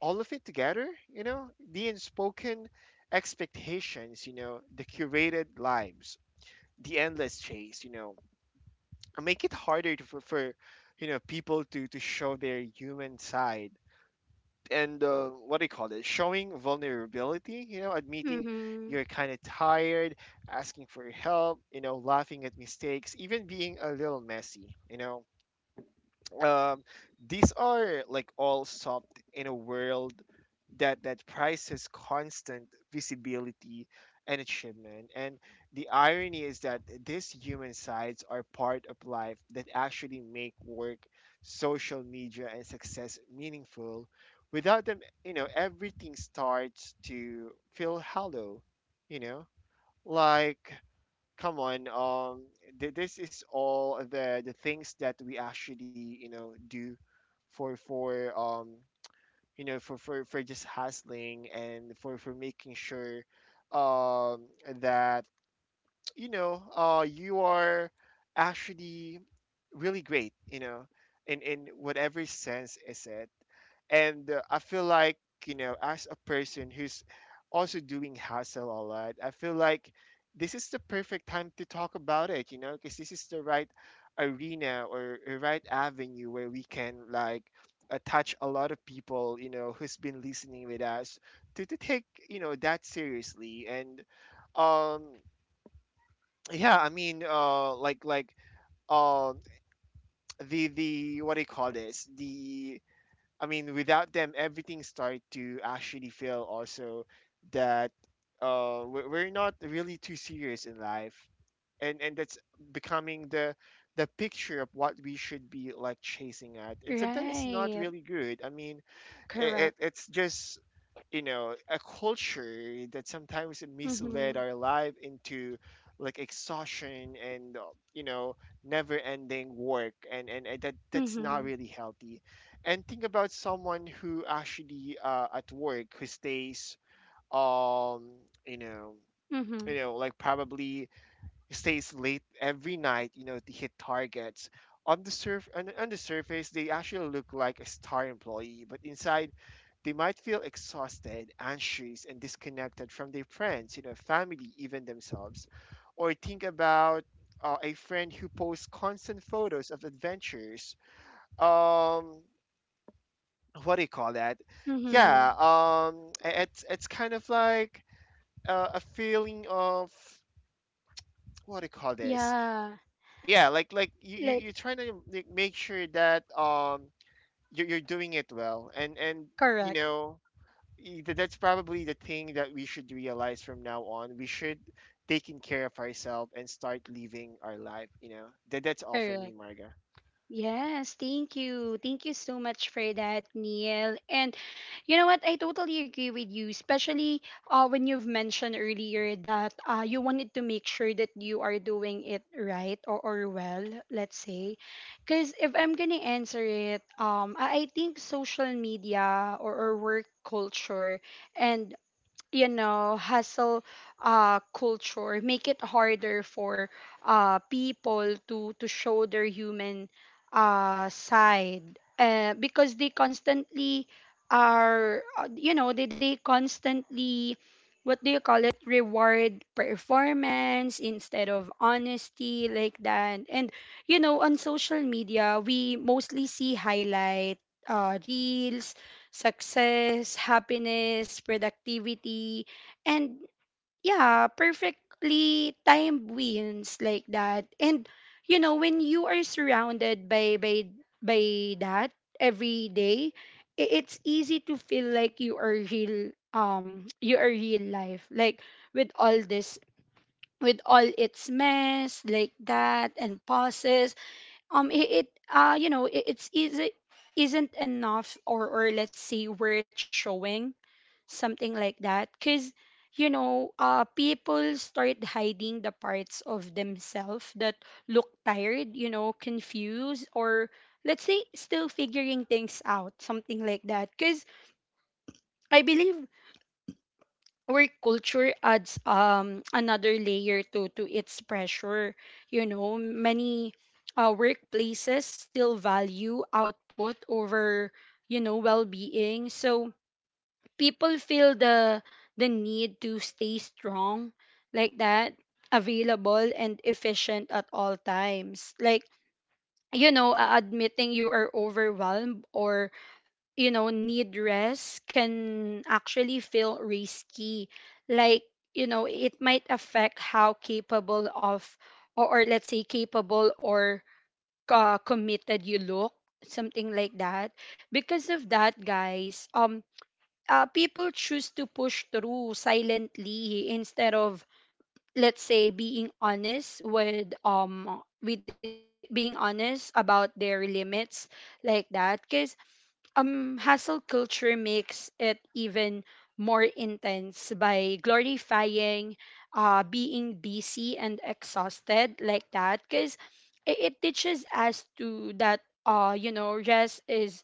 Speaker 2: all of it together, the unspoken expectations, the curated lives, the endless chase, make it harder for people to show their human side and what do you call it, showing vulnerability,
Speaker 1: Hı
Speaker 2: admitting
Speaker 1: hı.
Speaker 2: you're kind of tired, asking for help, laughing at mistakes, even being a little messy, um, these are like all soft in a world that prizes constant visibility and achievement. And the irony is that these human sides are part of life that actually make work, social media, and success meaningful. Without them, everything starts to feel hollow. You know, like come on, um, this is all the things that we actually do for for um for just hustling and for making sure um that you are actually really great, in whatever sense is it. And I feel like, as a person who's also doing hustle a lot, I feel like this is the perfect time to talk about it, because this is the right arena or a right avenue where we can like touch a lot of people, who's been listening with us to take, that seriously. And um yeah, I mean, like um the what do you call this, the, I mean, without them, everything start to actually feel also that, we're not really too serious in life, and that's becoming the picture of what we should be like chasing at, and sometimes it's not
Speaker 1: Right.
Speaker 2: really good. I mean, it,
Speaker 1: Correct.
Speaker 2: it it's just a culture that sometimes misled
Speaker 1: Mhm.
Speaker 2: our life into like exhaustion and, you know never ending work, and that's not
Speaker 1: Mhm.
Speaker 2: really healthy. And think about someone who actually, at work, who stays, um you know
Speaker 1: Mhm.
Speaker 2: like probably stays late every night, to hit targets. On the surface they actually look like a star employee, but inside they might feel exhausted, anxious, and disconnected from their friends, family, even themselves. Or think about, a friend who posts constant photos of adventures. Um, what do you call that? Yeah,
Speaker 1: Mhm.
Speaker 2: it's kind of like, a feeling of, what do you call this?
Speaker 1: Yeah.
Speaker 2: Yeah, like you you
Speaker 1: Like
Speaker 2: you're trying to, like, make sure that you're doing it well, and you
Speaker 1: correct.
Speaker 2: know that's probably the thing that we should realize from now on. We should, taking care of ourselves and start living our life. You know, that's all for
Speaker 1: Correct.
Speaker 2: me, Marga.
Speaker 1: Yes, thank you. Thank you so much for that, Neil. And you know what? I totally agree with you, especially when you've mentioned earlier that you wanted to make sure that you are doing it right, or well, let's say. Because if I'm going to answer it, I think social media, or work culture, and you know, hustle culture make it harder for people to show their human side, because they constantly are, you know, they constantly, what do you call it, reward performance instead of honesty, like that. And you know, on social media we mostly see highlight reels, success, happiness, productivity, and yeah, perfectly timed wins, like that. And you know, when you are surrounded by that every day, it's easy to feel like you are real, you are real life. Like with all this, with all its mess, like that, and pauses, it you know, it's easy, isn't enough, or let's say worth showing, something like that. Because you know, people start hiding the parts of themselves that look tired, you know, confused, or let's say still figuring things out, something like that. Because I believe work culture adds another layer to its pressure. You know, many workplaces still value output over, you know, well-being. So people feel the need to stay strong, like that, available and efficient at all times. Like, you know, admitting you are overwhelmed or, you know, need rest can actually feel risky. Like, you know, it might affect how capable of, or let's say capable, or committed you look, something like that. Because of that, guys, people choose to push through silently instead of, let's say, being honest with, being honest about their limits, like that. Cause hustle culture makes it even more intense by glorifying, being busy and exhausted, like that. Because it teaches us to, that, you know, rest is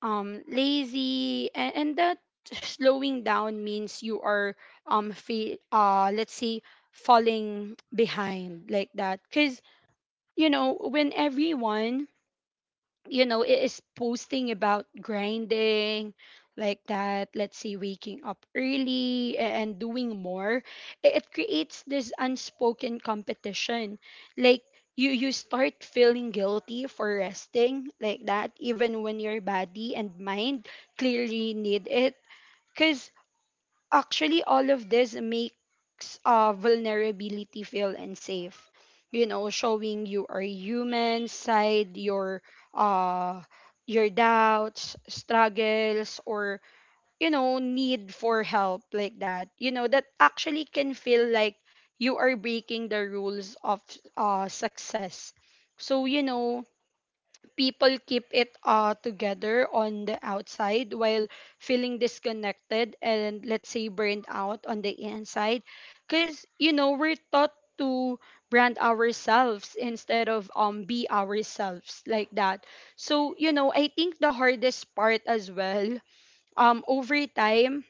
Speaker 1: lazy, and that slowing down means you are let's say falling behind, like that. Because you know, when everyone, you know, is posting about grinding, like that, let's say waking up early and doing more, it creates this unspoken competition. Like, you start feeling guilty for resting, like that, even when your body and mind clearly need it. Actually all of this makes, vulnerability feel unsafe. You know, showing you are human side, uh your doubts, struggles, or, you know, need for help, like that, you know, that actually can feel like you are breaking the rules of success. So you know, people keep it, together on the outside while feeling disconnected and, let's say, burned out on the inside. Because you know, we're taught to brand ourselves instead of, be ourselves, like that. So you know, I think the hardest part as well, over time,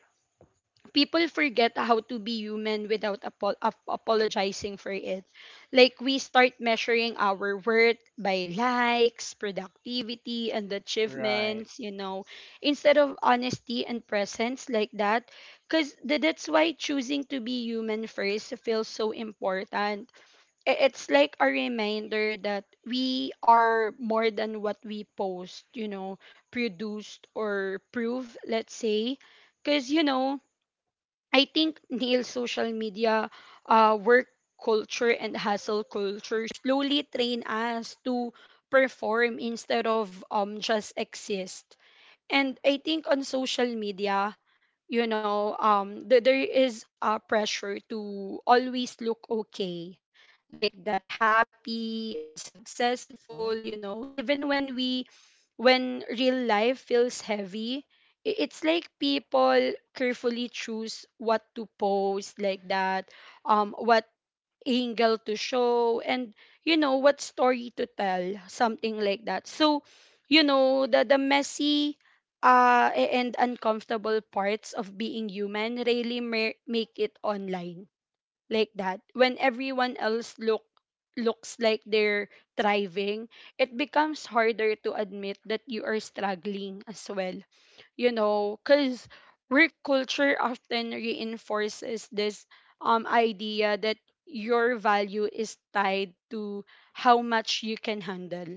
Speaker 1: people forget how to be human without apologizing for it. Like we start measuring our worth by likes, productivity, and
Speaker 2: Right.
Speaker 1: achievements, you know, instead of honesty and presence, like that. Because that's why choosing to be human first feels so important. It's like a reminder that we are more than what we post, you know, produced or prove, let's say. Because, you know, I think, Neil's social media, work culture, and hustle culture slowly train us to perform instead of, just exist. And I think on social media, you know, there is a pressure to always look okay, like that, happy and successful,
Speaker 2: Mhm.
Speaker 1: you know, even when real life feels heavy. It's like people carefully choose what to post, like that, what angle to show, and you know, what story to tell, something like that. So you know, the messy and uncomfortable parts of being human really make it online, like that. When everyone else looks like they're thriving, it becomes harder to admit that you are struggling as well. You know, because work culture often reinforces this idea that your value is tied to how much you can handle,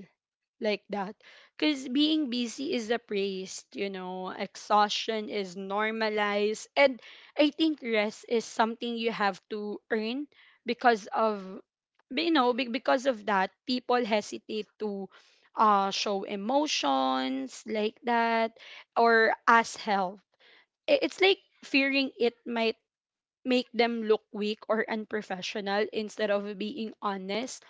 Speaker 1: like that. Because being busy is the praise, you know, exhaustion is normalized. And I think rest is something you have to earn. Because of, you know, because of that, people hesitate to, show emotions, like that, or ask help. It's like fearing it might make them look weak or unprofessional instead of being honest.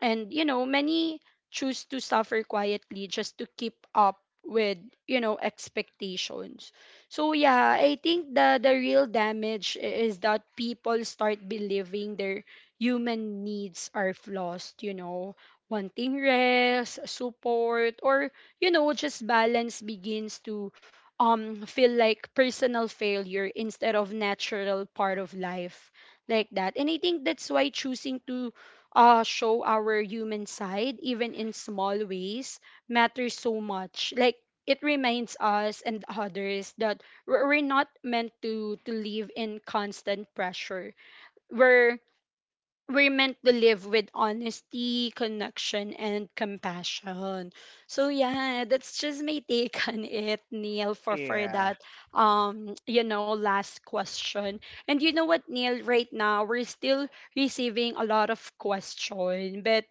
Speaker 1: And you know, many choose to suffer quietly just to keep up with, you know, expectations. So yeah, I think the real damage is that people start believing their human needs are flaws, you know, wanting rest, support, or, you know, just balance begins to feel like personal failure instead of natural part of life, like that. And I think that's why choosing to, show our human side, even in small ways, matters so much. Like, it reminds us and others that we're not meant to live in constant pressure. We're we're meant to live with honesty, connection, and compassion. So yeah, that's just my take on it, Neil, for
Speaker 2: Yeah.
Speaker 1: that, you know, last question. And you know what, Neil, right now we're still receiving a lot of question, but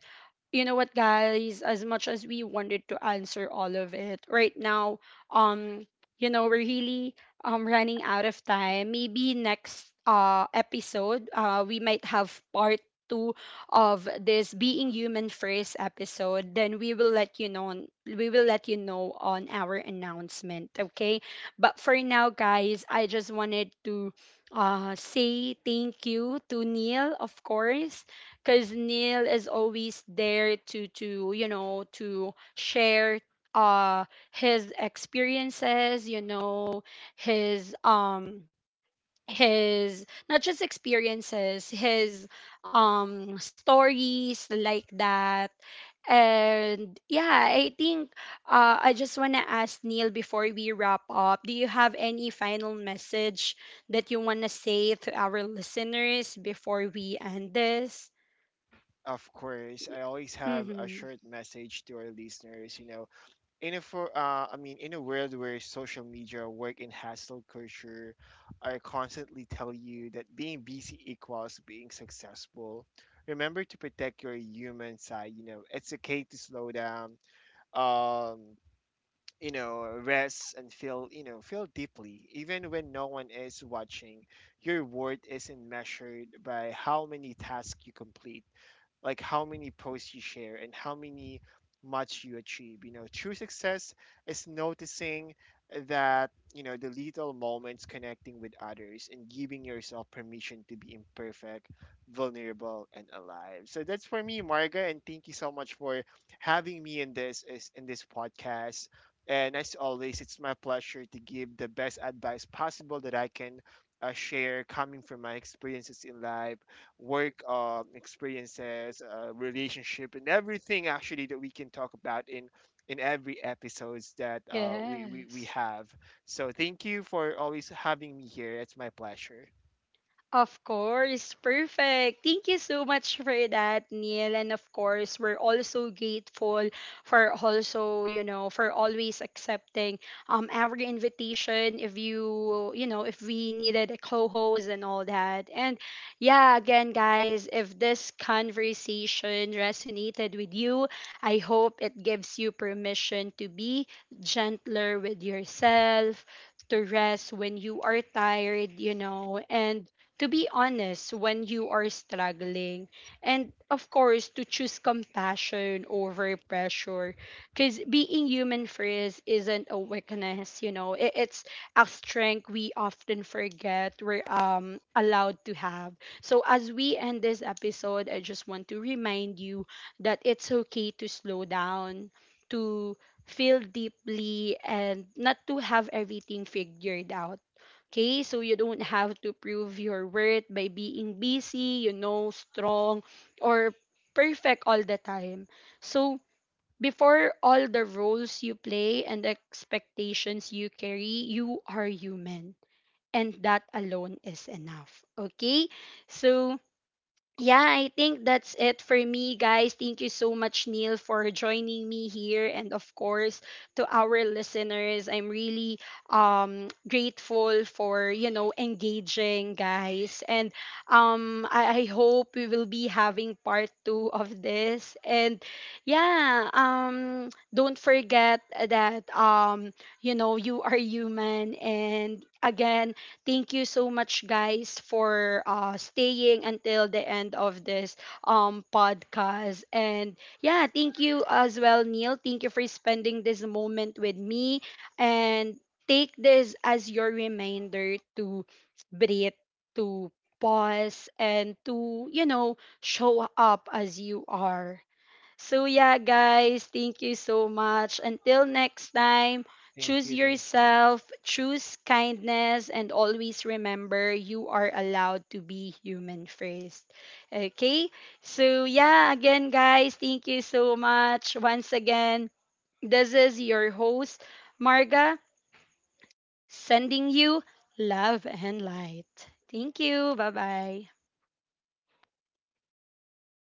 Speaker 1: you know what guys, as much as we wanted to answer all of it right now, um you know, we're really running out of time. Maybe next episode, we might have part two of this being human first episode, then we will let you know on, we will let you know on our announcement, okay? But for now, guys, I just wanted to, say thank you to Neil, of course, because Neil is always there to, you know, to share uh his experiences, you know, his um his not just experiences, his stories, like that. And yeah, I think, I just want to ask Neil before we wrap up, do you have any final message that you want to say to our listeners before we end this?
Speaker 2: Of course, I always have a
Speaker 1: Mm-hmm.
Speaker 2: short message to our listeners. You know, in a for I mean, in a world where social media, work, and hustle culture are constantly tell you that being busy equals being successful. Remember to protect your human side. You know, it's okay to slow down, um, you know, rest and feel, feel deeply. Even when no one is watching, your worth isn't measured by how many tasks you complete, like how many posts you share, and how many much you achieve. You know, true success is noticing that, the little moments, connecting with others, and giving yourself permission to be imperfect, vulnerable, and alive. So that's for me, Marga, and thank you so much for having me in this podcast. And as always, it's my pleasure to give the best advice possible that I can, share, coming from my experiences in life, work, experiences, relationship, and everything actually that we can talk about in every episodes that, we
Speaker 1: Yes.
Speaker 2: have. So thank you for always having me here. It's my pleasure.
Speaker 1: Of course, perfect. Thank you so much for that, Neil. And of course, we're also grateful for also, you know, for always accepting our invitation, if you, you know, if we needed a co-host and all that. And yeah, again, guys, if this conversation resonated with you, I hope it gives you permission to be gentler with yourself, to rest when you are tired, you know, and to be honest when you are struggling, and of course, to choose compassion over pressure. Because being human first isn't a weakness, you know, it's a strength we often forget we're, allowed to have. So, as we end this episode, I just want to remind you that it's okay to slow down, to feel deeply, and not to have everything figured out. Okay, so you don't have to prove your worth by being busy, you know, strong, or perfect all the time. So, before all the roles you play and the expectations you carry, you are human. And that alone is enough. Okay? So, yeah, I think that's it for me, guys. Thank you so much, Neil, for joining me here. And of course, to our listeners, I'm really, grateful for, you know, engaging, guys. And I hope we will be having part two of this. And yeah, don't forget that, you know, you are human. And again, thank you so much, guys, for, staying until the end of this, podcast. And yeah, thank you as well, Neil. Thank you for spending this moment with me. And take this as your reminder to breathe, to pause, and to, you know, show up as you are. So, yeah, guys, thank you so much. Until next time, choose
Speaker 2: Thank you.
Speaker 1: yourself, choose kindness, and always remember you are allowed to be human first. Okay? So, yeah, again, guys, thank you so much. Once again, this is your host, Marga, sending you love and light. Thank you. Bye bye.